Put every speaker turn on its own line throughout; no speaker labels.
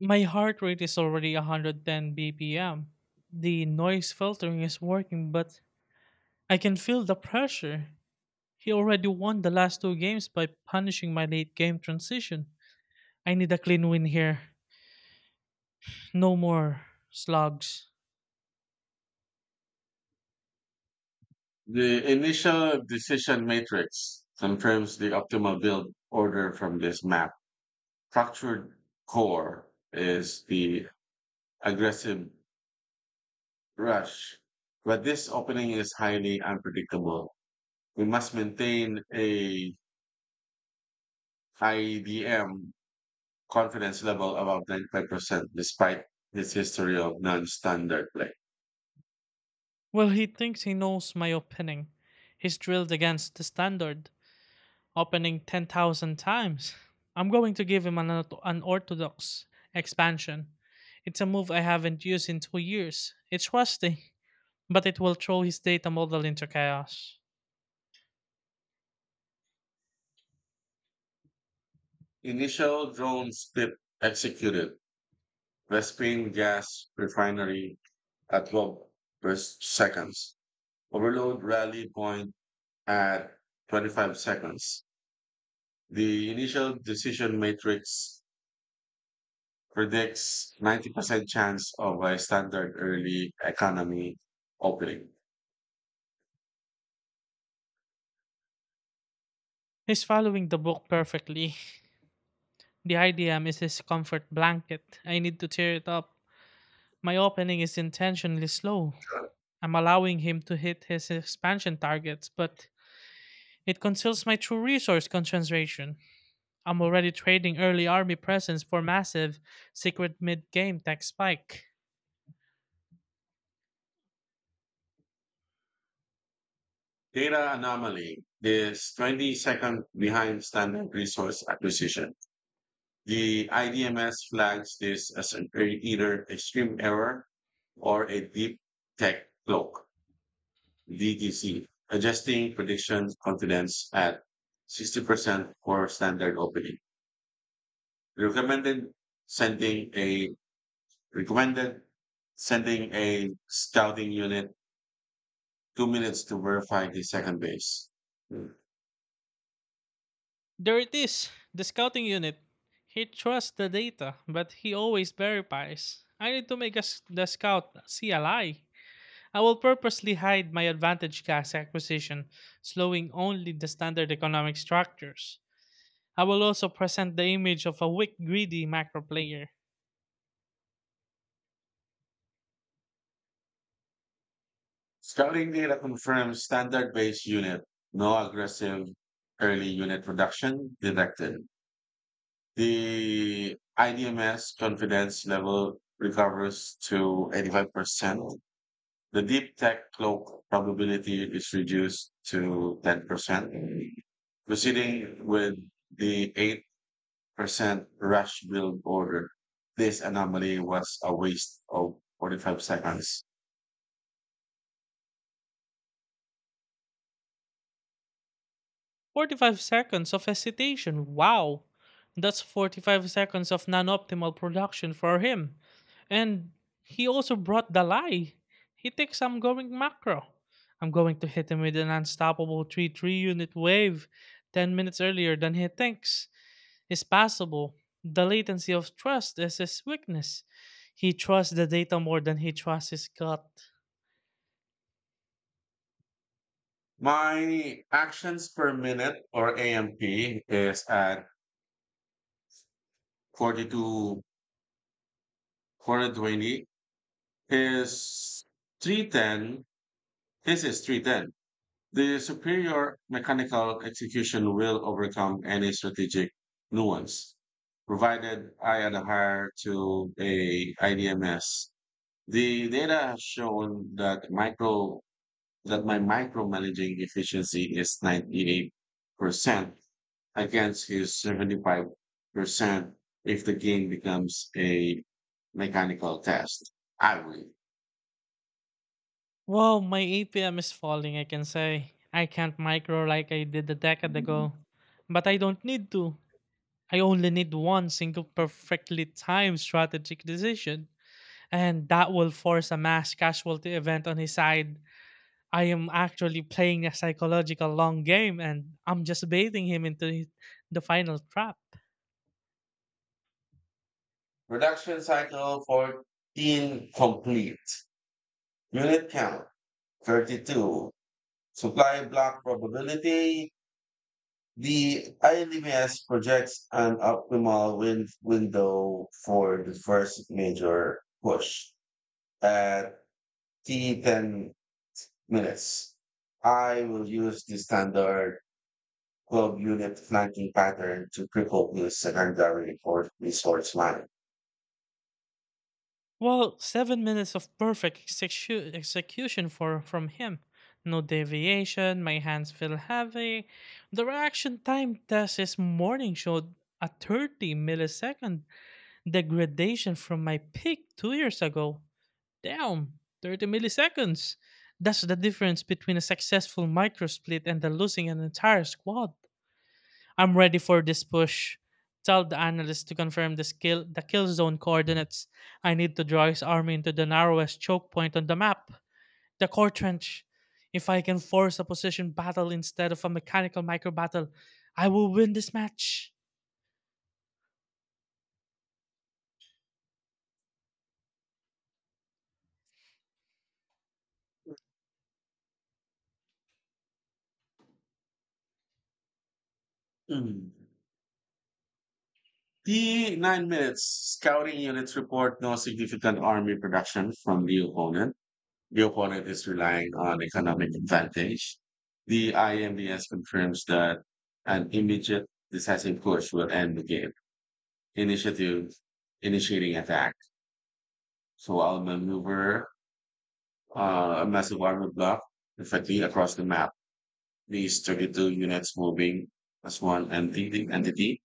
My heart rate is already 110 BPM. The noise filtering is working, but I can feel the pressure. He already won the last two games by punishing my late game transition. I need a clean win here. No more slugs.
The initial decision matrix confirms the optimal build order from this map. Fractured core is the aggressive rush, but this opening is highly unpredictable. We must maintain a IDM confidence level above 95% despite this history of non-standard play.
He thinks he knows my opening. He's drilled against the standard, opening 10,000 times. I'm going to give him an orthodox expansion. It's a move I haven't used in 2 years. It's rusty, but it will throw his data model into chaos.
Initial drone split executed. Vespin gas refinery at 12 per seconds. Overload rally point at 25 seconds. The initial decision matrix predicts 90% chance of a standard early economy opening.
He's following the book perfectly. The IDM is his comfort blanket. I need to tear it up. My opening is intentionally slow. I'm allowing him to hit his expansion targets, but it conceals my true resource concentration. I'm already trading early army presence for massive secret mid game tech spike.
Data anomaly is 20 seconds behind standard resource acquisition. The IDMS flags this as either extreme error or a deep tech cloak. DTC, adjusting prediction confidence at 60% for standard opening. Recommended sending a recommended sending a scouting unit 2 minutes to verify the second base.
There it is, the scouting unit. He trusts the data, but he always verifies. I need to make us the scout see a lie. I will purposely hide my advantage gas acquisition, slowing only the standard economic structures. I will also present the image of a weak, greedy macro player.
Scouting data confirms standard base unit, no aggressive early unit production detected. The IDMS confidence level recovers to 85%. The deep tech cloak probability is reduced to 10%, proceeding with the 8% rush build order. This anomaly was a waste of 45 seconds.
45 seconds of hesitation. Wow, that's 45 seconds of non-optimal production for him. And he also brought the lie. He thinks I'm going macro. I'm going to hit him with an unstoppable 3 3 unit wave 10 minutes earlier than he thinks is possible. The latency of trust is his weakness. He trusts the data more than he trusts his gut.
My actions per minute or AMP is at 42, 420. His 310, his is 310. The superior mechanical execution will overcome any strategic nuance, provided I adhere to a IDMS. The data has shown that my micromanaging efficiency is 98% against his 75% if the game becomes a mechanical test. I
Wow, my APM is falling, I can say. I can't micro like I did a decade
win.
ago. But I don't need to. I only need one single perfectly timed strategic decision. And that will force a mass casualty event on his side. I am actually playing a psychological long game and I'm just baiting him into the final trap.
Production cycle 14 complete. Unit count 32. Supply block probability. The ILMS projects an optimal window for the first major push at T 10 minutes. I will use the standard 12 unit flanking pattern to cripple the secondary or resource line.
7 minutes of perfect execution for from him. No deviation, my hands feel heavy. The reaction time test this morning showed a 30 millisecond degradation from my peak 2 years ago. Damn, 30 milliseconds. That's the difference between a successful microsplit and the losing an entire squad. I'm ready for this push. Tell the analyst to confirm the kill zone coordinates. I need to draw his army into the narrowest choke point on the map. The core trench. If I can force a position battle instead of a mechanical micro battle, I will win this match.
Mm. T 9 minutes. Scouting units report no significant army production from the opponent. The opponent is relying on economic advantage. The IMBS confirms that an immediate decisive push will end the game. Initiative initiating attack. So I'll maneuver a massive armor block effectively across the map. These 32 units moving as one entity,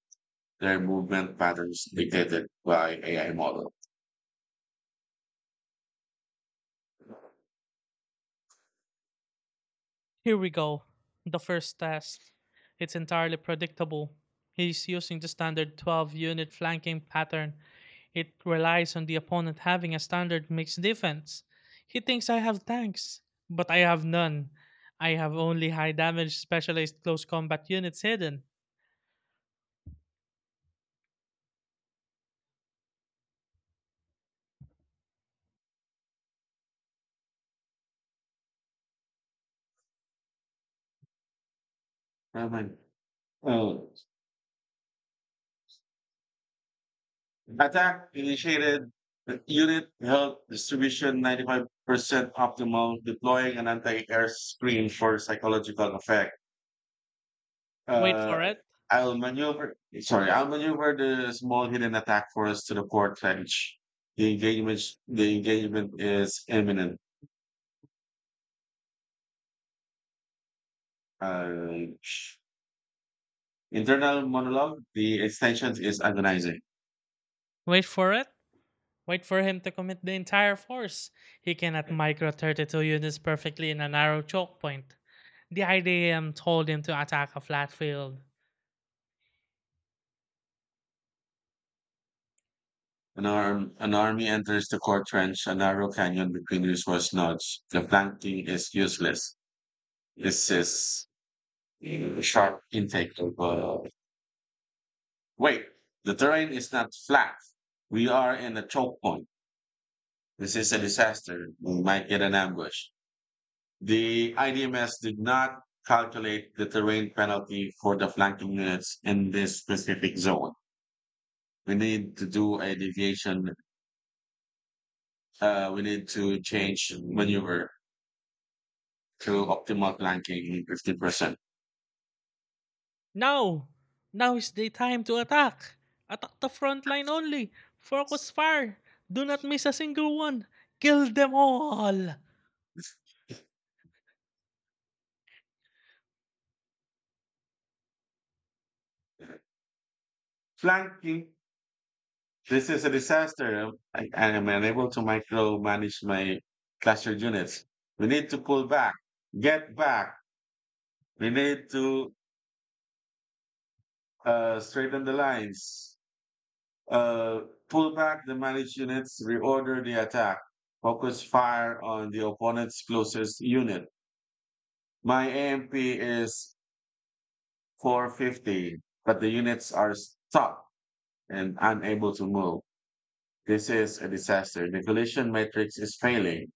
their movement patterns dictated by AI model.
Here we go. The first test. It's entirely predictable. He's using the standard 12 unit flanking pattern. It relies on the opponent having a standard mixed defense. He thinks I have tanks, but I have none. I have only high damage specialized close combat units hidden.
Never mind. Oh, attack initiated, the unit held distribution 95% optimal, deploying an anti-air screen for psychological effect.
Wait
Uh,
for it.
sorry, I'll maneuver the small hidden attack force to the port trench. The engagement, the engagement is imminent. Uh, Internal monologue, the extension is agonizing.
Wait for it. Wait for him to commit the entire force. He cannot micro 32 units perfectly in a narrow choke point. The IDM told him to attack a flat field.
An army enters the core trench, a narrow canyon between resource nodes. The flanking is useless. This is a sharp intake of wait. The terrain is not flat. We are in a choke point. This is a disaster. We might get an ambush. The IDMS did not calculate the terrain penalty for the flanking units in this specific zone. We need to do a deviation. We need to change maneuver to optimal flanking 50%.
Now! Now is the time to attack! Attack the front line only! Focus fire! Do not miss a single one! Kill them all!
Flanking This is a disaster. I am unable to micromanage my cluster units. We need to pull back, get back. We need to straighten the lines, uh, pull back the managed units, reorder the attack, focus fire on the opponent's closest unit. My AMP is 450, but the units are stuck and unable to move. This is a disaster. The collision matrix is failing.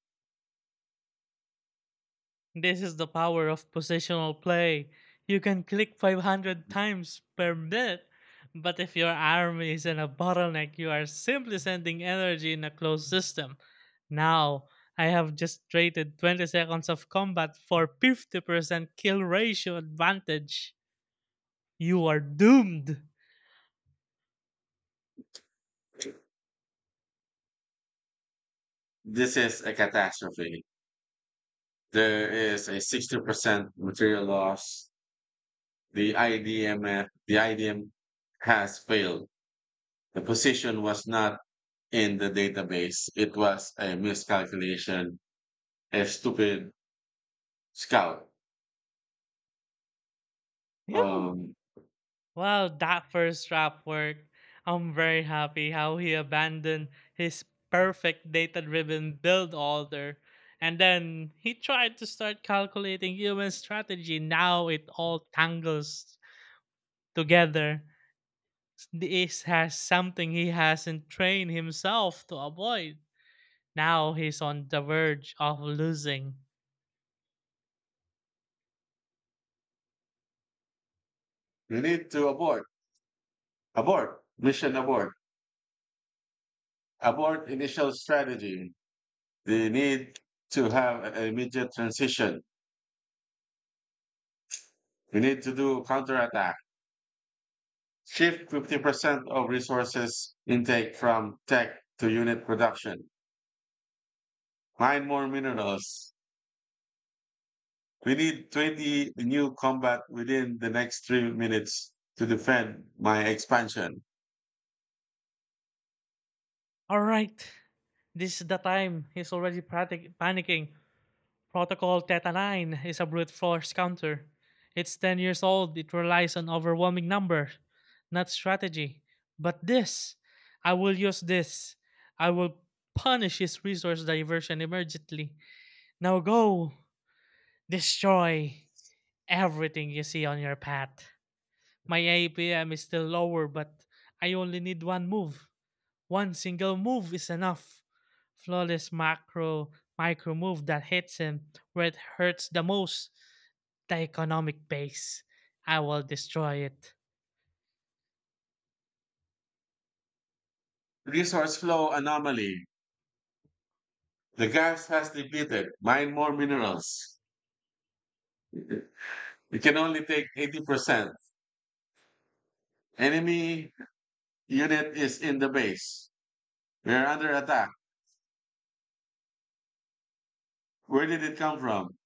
This is the power of positional play. You can click 500 times per minute, but if your army is in a bottleneck, you are simply sending energy in a closed system. Now, I have just traded 20 seconds of combat for 50% kill ratio advantage. You are doomed!
This is a catastrophe. There is a 60% material loss. The IDMF, the IDM has failed. The position was not in the database. It was a miscalculation, a stupid scout.
Yeah.
Um,
That first rap work, I'm very happy how he abandoned his perfect data driven build order. And then he tried to start calculating human strategy. Now it all tangles together. This has something he hasn't trained himself to avoid. Now he's on the verge of losing.
you need to abort, abort, mission abort, abort initial strategy. They need to have an immediate transition. We need to do counterattack. Shift 50% of resources intake from tech to unit production. Nine more minerals. We need 20 new combat within the next 3 minutes to defend my expansion.
All right, this is the time. Panicking. Protocol Theta 9 is a brute force counter. It's 10 years old. It relies on overwhelming numbers, not strategy. But this, I will use this. I will punish his resource diversion immediately. Now go destroy everything you see on your path. My APM is still lower, but I only need one move. One single move is enough. Flawless macro micro move that hits him where it hurts the most, the economic base. I will destroy it.
Resource flow anomaly. The gas has depleted. Mine more minerals. It can only take 80%. Enemy unit is in the base. We are under attack. Where did it come from?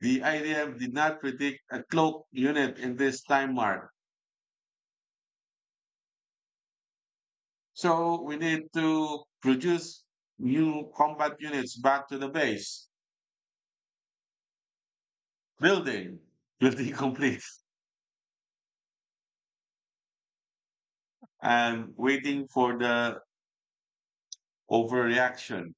The IDM did not predict a cloak unit in this time mark. So we need to produce new combat units back to the base. Building, building complete. I'm waiting for the overreaction.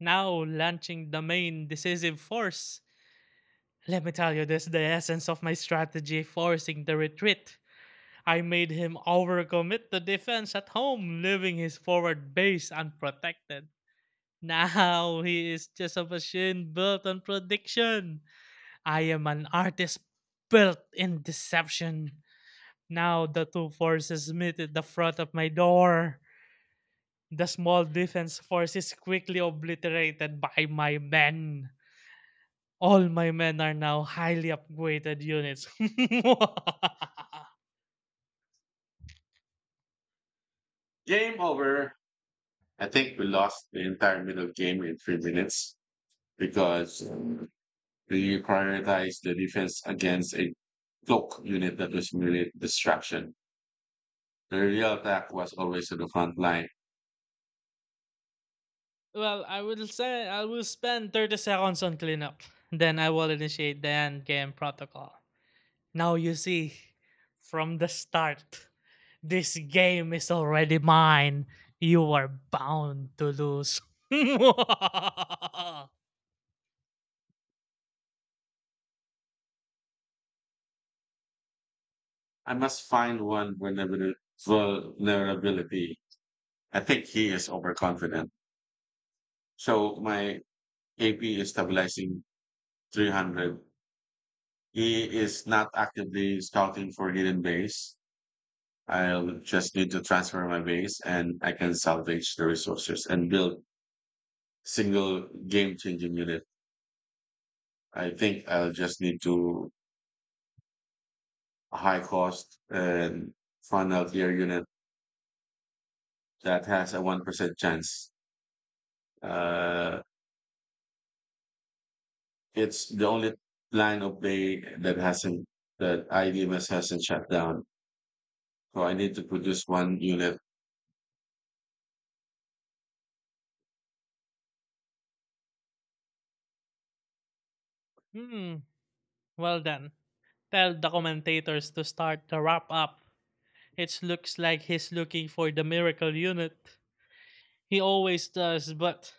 Now launching the main decisive force. Let me tell you this, the essence of my strategy, forcing the retreat. I made him overcommit the defense at home, leaving his forward base unprotected. Now he is just a machine built on prediction. I am an artist built in deception. Now the two forces meet at the front of my door. The small defense force is quickly obliterated by my men. All my men are now highly upgraded units.
Game over. I think we lost the entire middle game in 3 minutes because we prioritized the defense against a cloak unit that was merely distraction. The real attack was always on the front line.
I will say I will spend 30 seconds on cleanup. Then I will initiate the end game protocol. Now you see, from the start, this game is already mine. You are bound to lose. hmm.
I must find one vulnerability. I think he is overconfident. So my AP is stabilizing 300. He is not actively scouting for hidden base. I'll just need to transfer my base and I can salvage the resources and build single game changing unit. I think I'll just need to high cost and fun out tier unit that has a 1% chance. Uh, it's the only line of play that IDMS hasn't shut down. So I need to produce one unit.
Well done. Tell the commentators to start the wrap up. It looks like he's looking for the miracle unit. He always does, but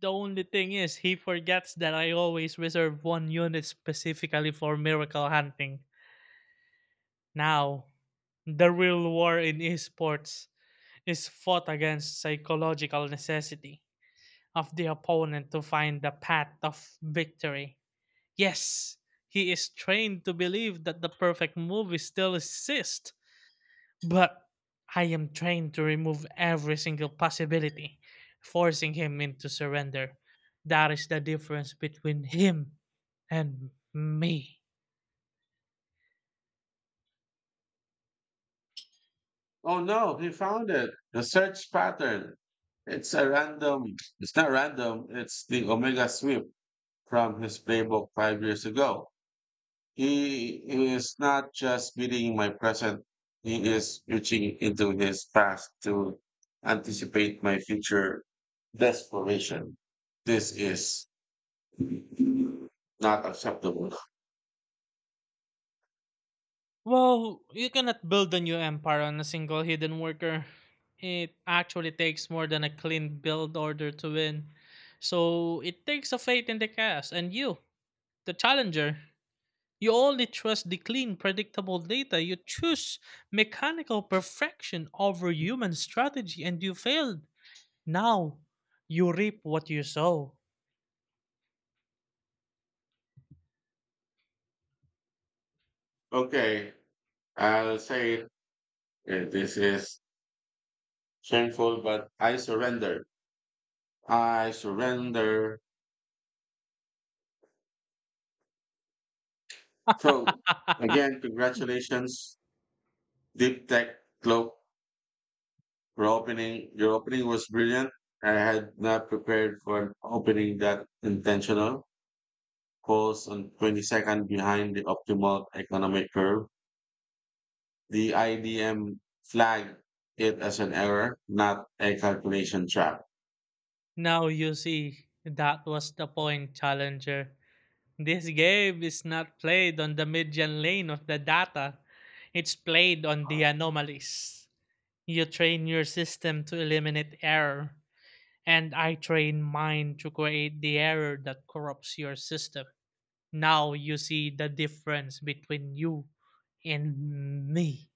the only thing is he forgets that I always reserve one unit specifically for miracle hunting. Now, the real war in esports is fought against psychological necessity of the opponent to find the path of victory. Yes, he is trained to believe that the perfect move is still exists, but I am trained to remove every single possibility, forcing him into surrender. That is the difference between him and me.
Oh no, he found it. The search pattern. It's a random, it's not random, it's the Omega sweep from his playbook 5 years ago. He is not just beating my present, he is reaching into his past to anticipate my future desperation. This is not acceptable.
Well, you cannot build a new empire on a single hidden worker. It actually takes more than a clean build order to win. So it takes a faith in the cast and you, the challenger. You only trust the clean, predictable data. You choose mechanical perfection over human strategy and you failed. Now, you reap what you sow.
Okay, I'll say it. This is shameful, but I surrender. I surrender. So again, congratulations, Deep Tech Globe, for opening. Your opening was brilliant. I had not prepared for an opening that intentional. Falls on 22nd behind the optimal economic curve. The IDM flagged it as an error, not a calculation trap.
Now you see, that was the point, Challenger. This game is not played on the median lane of the data. It's played on the anomalies. You train your system to eliminate error, and I train mine to create the error that corrupts your system. Now you see the difference between you and me.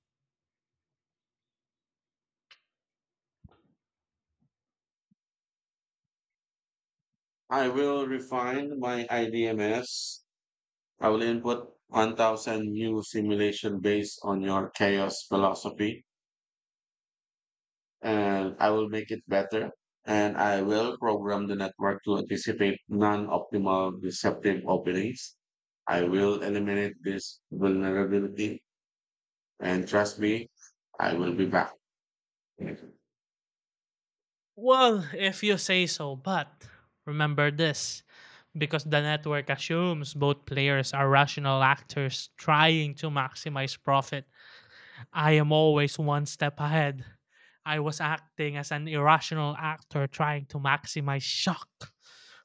I will refine my IDMS. I will input 1,000 new simulation based on your chaos philosophy and I will make it better. And I will program the network to anticipate non optimal deceptive openings. I will eliminate this vulnerability. And trust me, I will be back.
Well, if you say so, but remember this because the network assumes both players are rational actors trying to maximize profit. I am always one step ahead. I was acting as an irrational actor trying to maximize shock.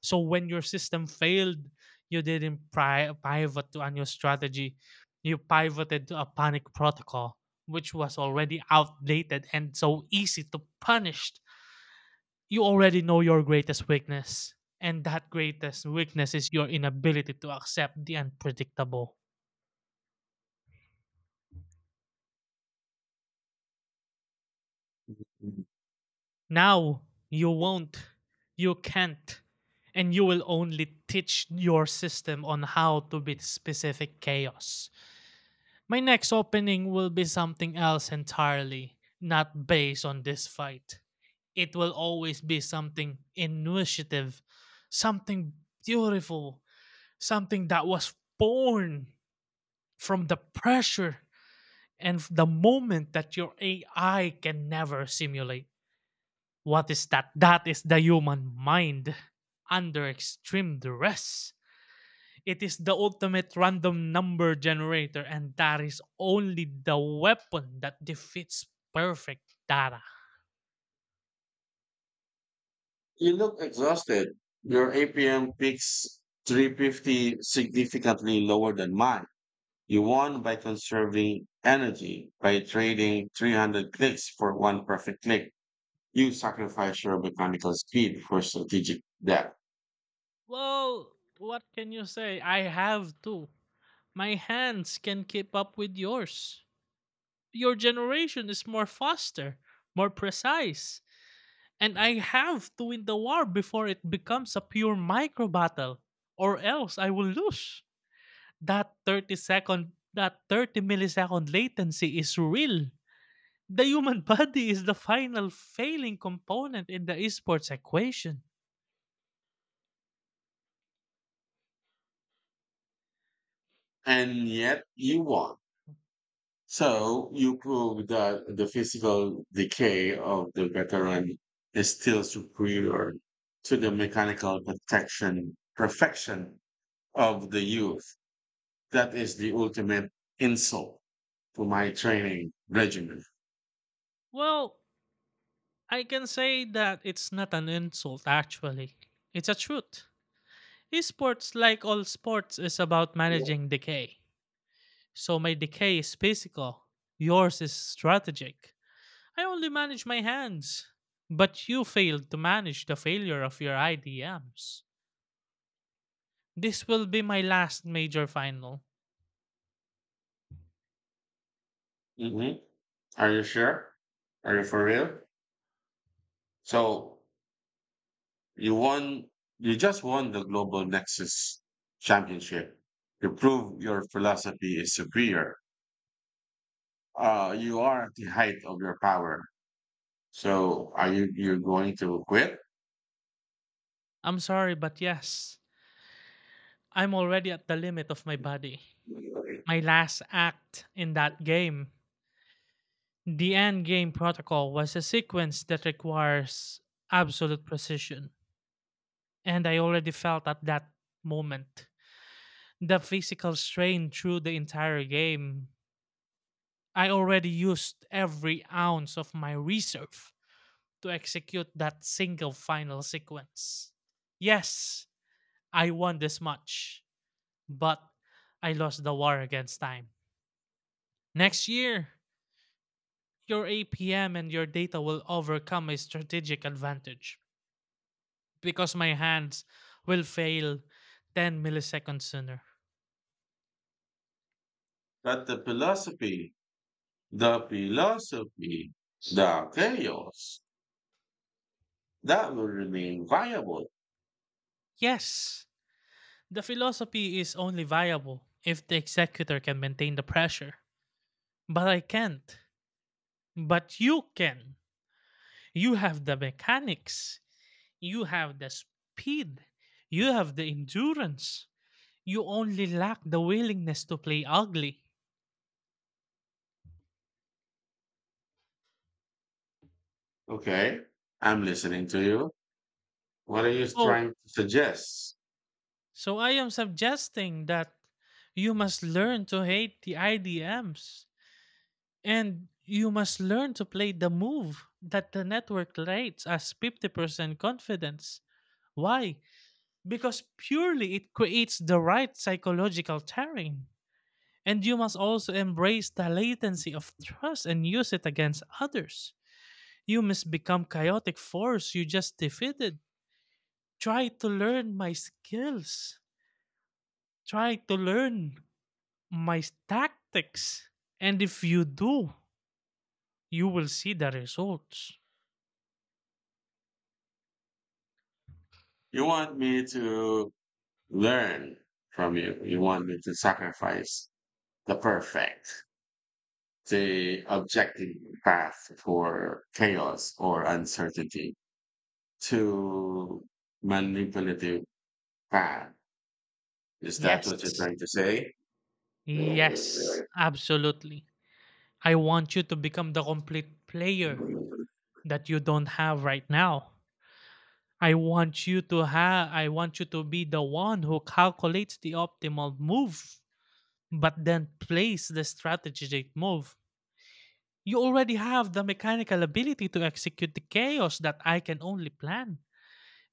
So when your system failed, you didn't pri- pivot to a new strategy. You pivoted to a panic protocol, which was already outdated and so easy to punish. You already know your greatest weakness, and that greatest weakness is your inability to accept the unpredictable.
You
Now you won't, you can't, and you will only teach your system on how to beat specific chaos. My next opening will be something else entirely, not based on this fight. It will always be something initiative, something beautiful, something that was born from the pressure and the moment that your AI can never simulate. What is that? That is the human mind under extreme duress. It is the ultimate random number generator, and that is only the weapon that defeats perfect data.
look exhausted. Your APM peaks 350 significantly lower than mine. You won by conserving energy by trading 300 clicks for one perfect click. You sacrifice your mechanical speed for strategic depth.
Well, what can you say? I have two. My hands can keep up with yours. Your generation is more faster, more precise, and I have to win the war before it becomes a pure micro battle, or else I will lose. That 30 second, that 30 millisecond latency is real. The human body is the final failing component in the esports equation.
And yet you won. So you prove that the physical decay of the veteran is still superior to the mechanical protection perfection of the youth. That is the ultimate insult to my training regimen.
Well, I can say that it's not an insult, actually. It's a truth. Esports, like all sports, is about managing decay. So my decay is physical, yours is strategic. I only manage my hands. But you failed to manage the failure of your IDMs. This will be my last major final.
Hmm. Are you sure? Are you for real? So you won. You just won the Global Nexus Championship. You prove your philosophy is superior. You are at the height of your power. So are you're going to quit?
I'm sorry, but yes, I'm already at the limit of my body. My last act in that game, the endgame protocol, was a sequence that requires absolute precision, and I already felt at that moment the physical strain through the entire game. I already used every ounce of my reserve to execute that single final sequence. Yes, I won this much, but I lost the war against time. Next year, your APM and your data will overcome a strategic advantage because my hands will fail 10 milliseconds sooner.
But the philosophy, the philosophy, the chaos that will remain viable.
Yes, the philosophy is only viable if the executor can maintain the pressure. But I can't. But you can. You have the mechanics, you have the speed, you have the endurance. You only lack the willingness to play ugly.
Okay, I'm listening to you. What are you
So,
trying to suggest?
so I am suggesting that you must learn to hate the IDMs, and you must learn to play the move that the network rates as 50% confidence. Why? Because purely it creates the right psychological terrain. And you must also embrace the latency of trust and use it against others. You must become chaotic force you just defeated. Try to learn my skills. Try to learn my tactics. And if you do, you will see the results.
You want me to learn from you. You want me to sacrifice the perfect, the objective path for chaos or uncertainty. To manipulative fan. Is that what you're
Yes.
trying to say?
Yes, absolutely. I want you to become the complete player that you don't have right now. I want you to be the one who calculates the optimal move but then plays the strategic move. You already have the mechanical ability to execute the chaos that I can only plan.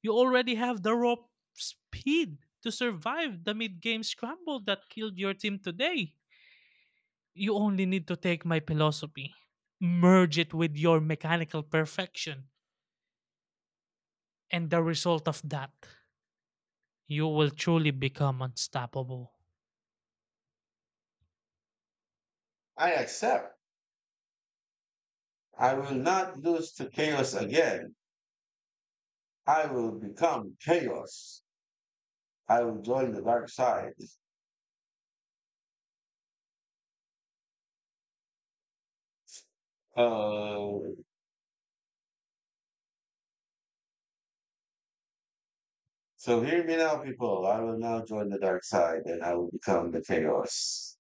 You already have the raw speed to survive the mid-game scramble that killed your team today. You only need to take my philosophy, merge it with your mechanical perfection, and the result of that, you will truly become unstoppable.
I accept. I will not lose to chaos again. I will become chaos. I will join the dark side. Uh, so hear me now, people. I will now join the dark side and I will become the chaos.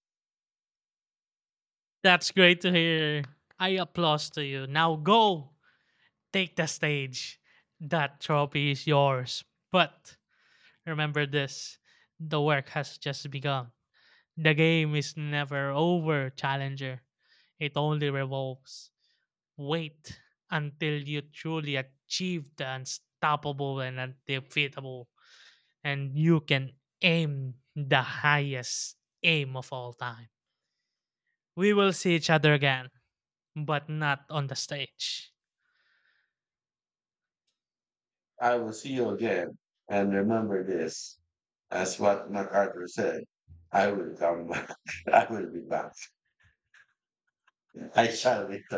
That's great to hear. I applaud to you. Now go, take the stage. That trophy is yours. But remember this, the work has just begun. The game is never over, Challenger. It only revolves. Wait until you truly achieve the unstoppable and undefeatable, and you can aim the highest aim of all time. We will see each other again, but not on the stage.
I will see you again. And remember this, as what MacArthur said, I will come back. I will be back. I shall be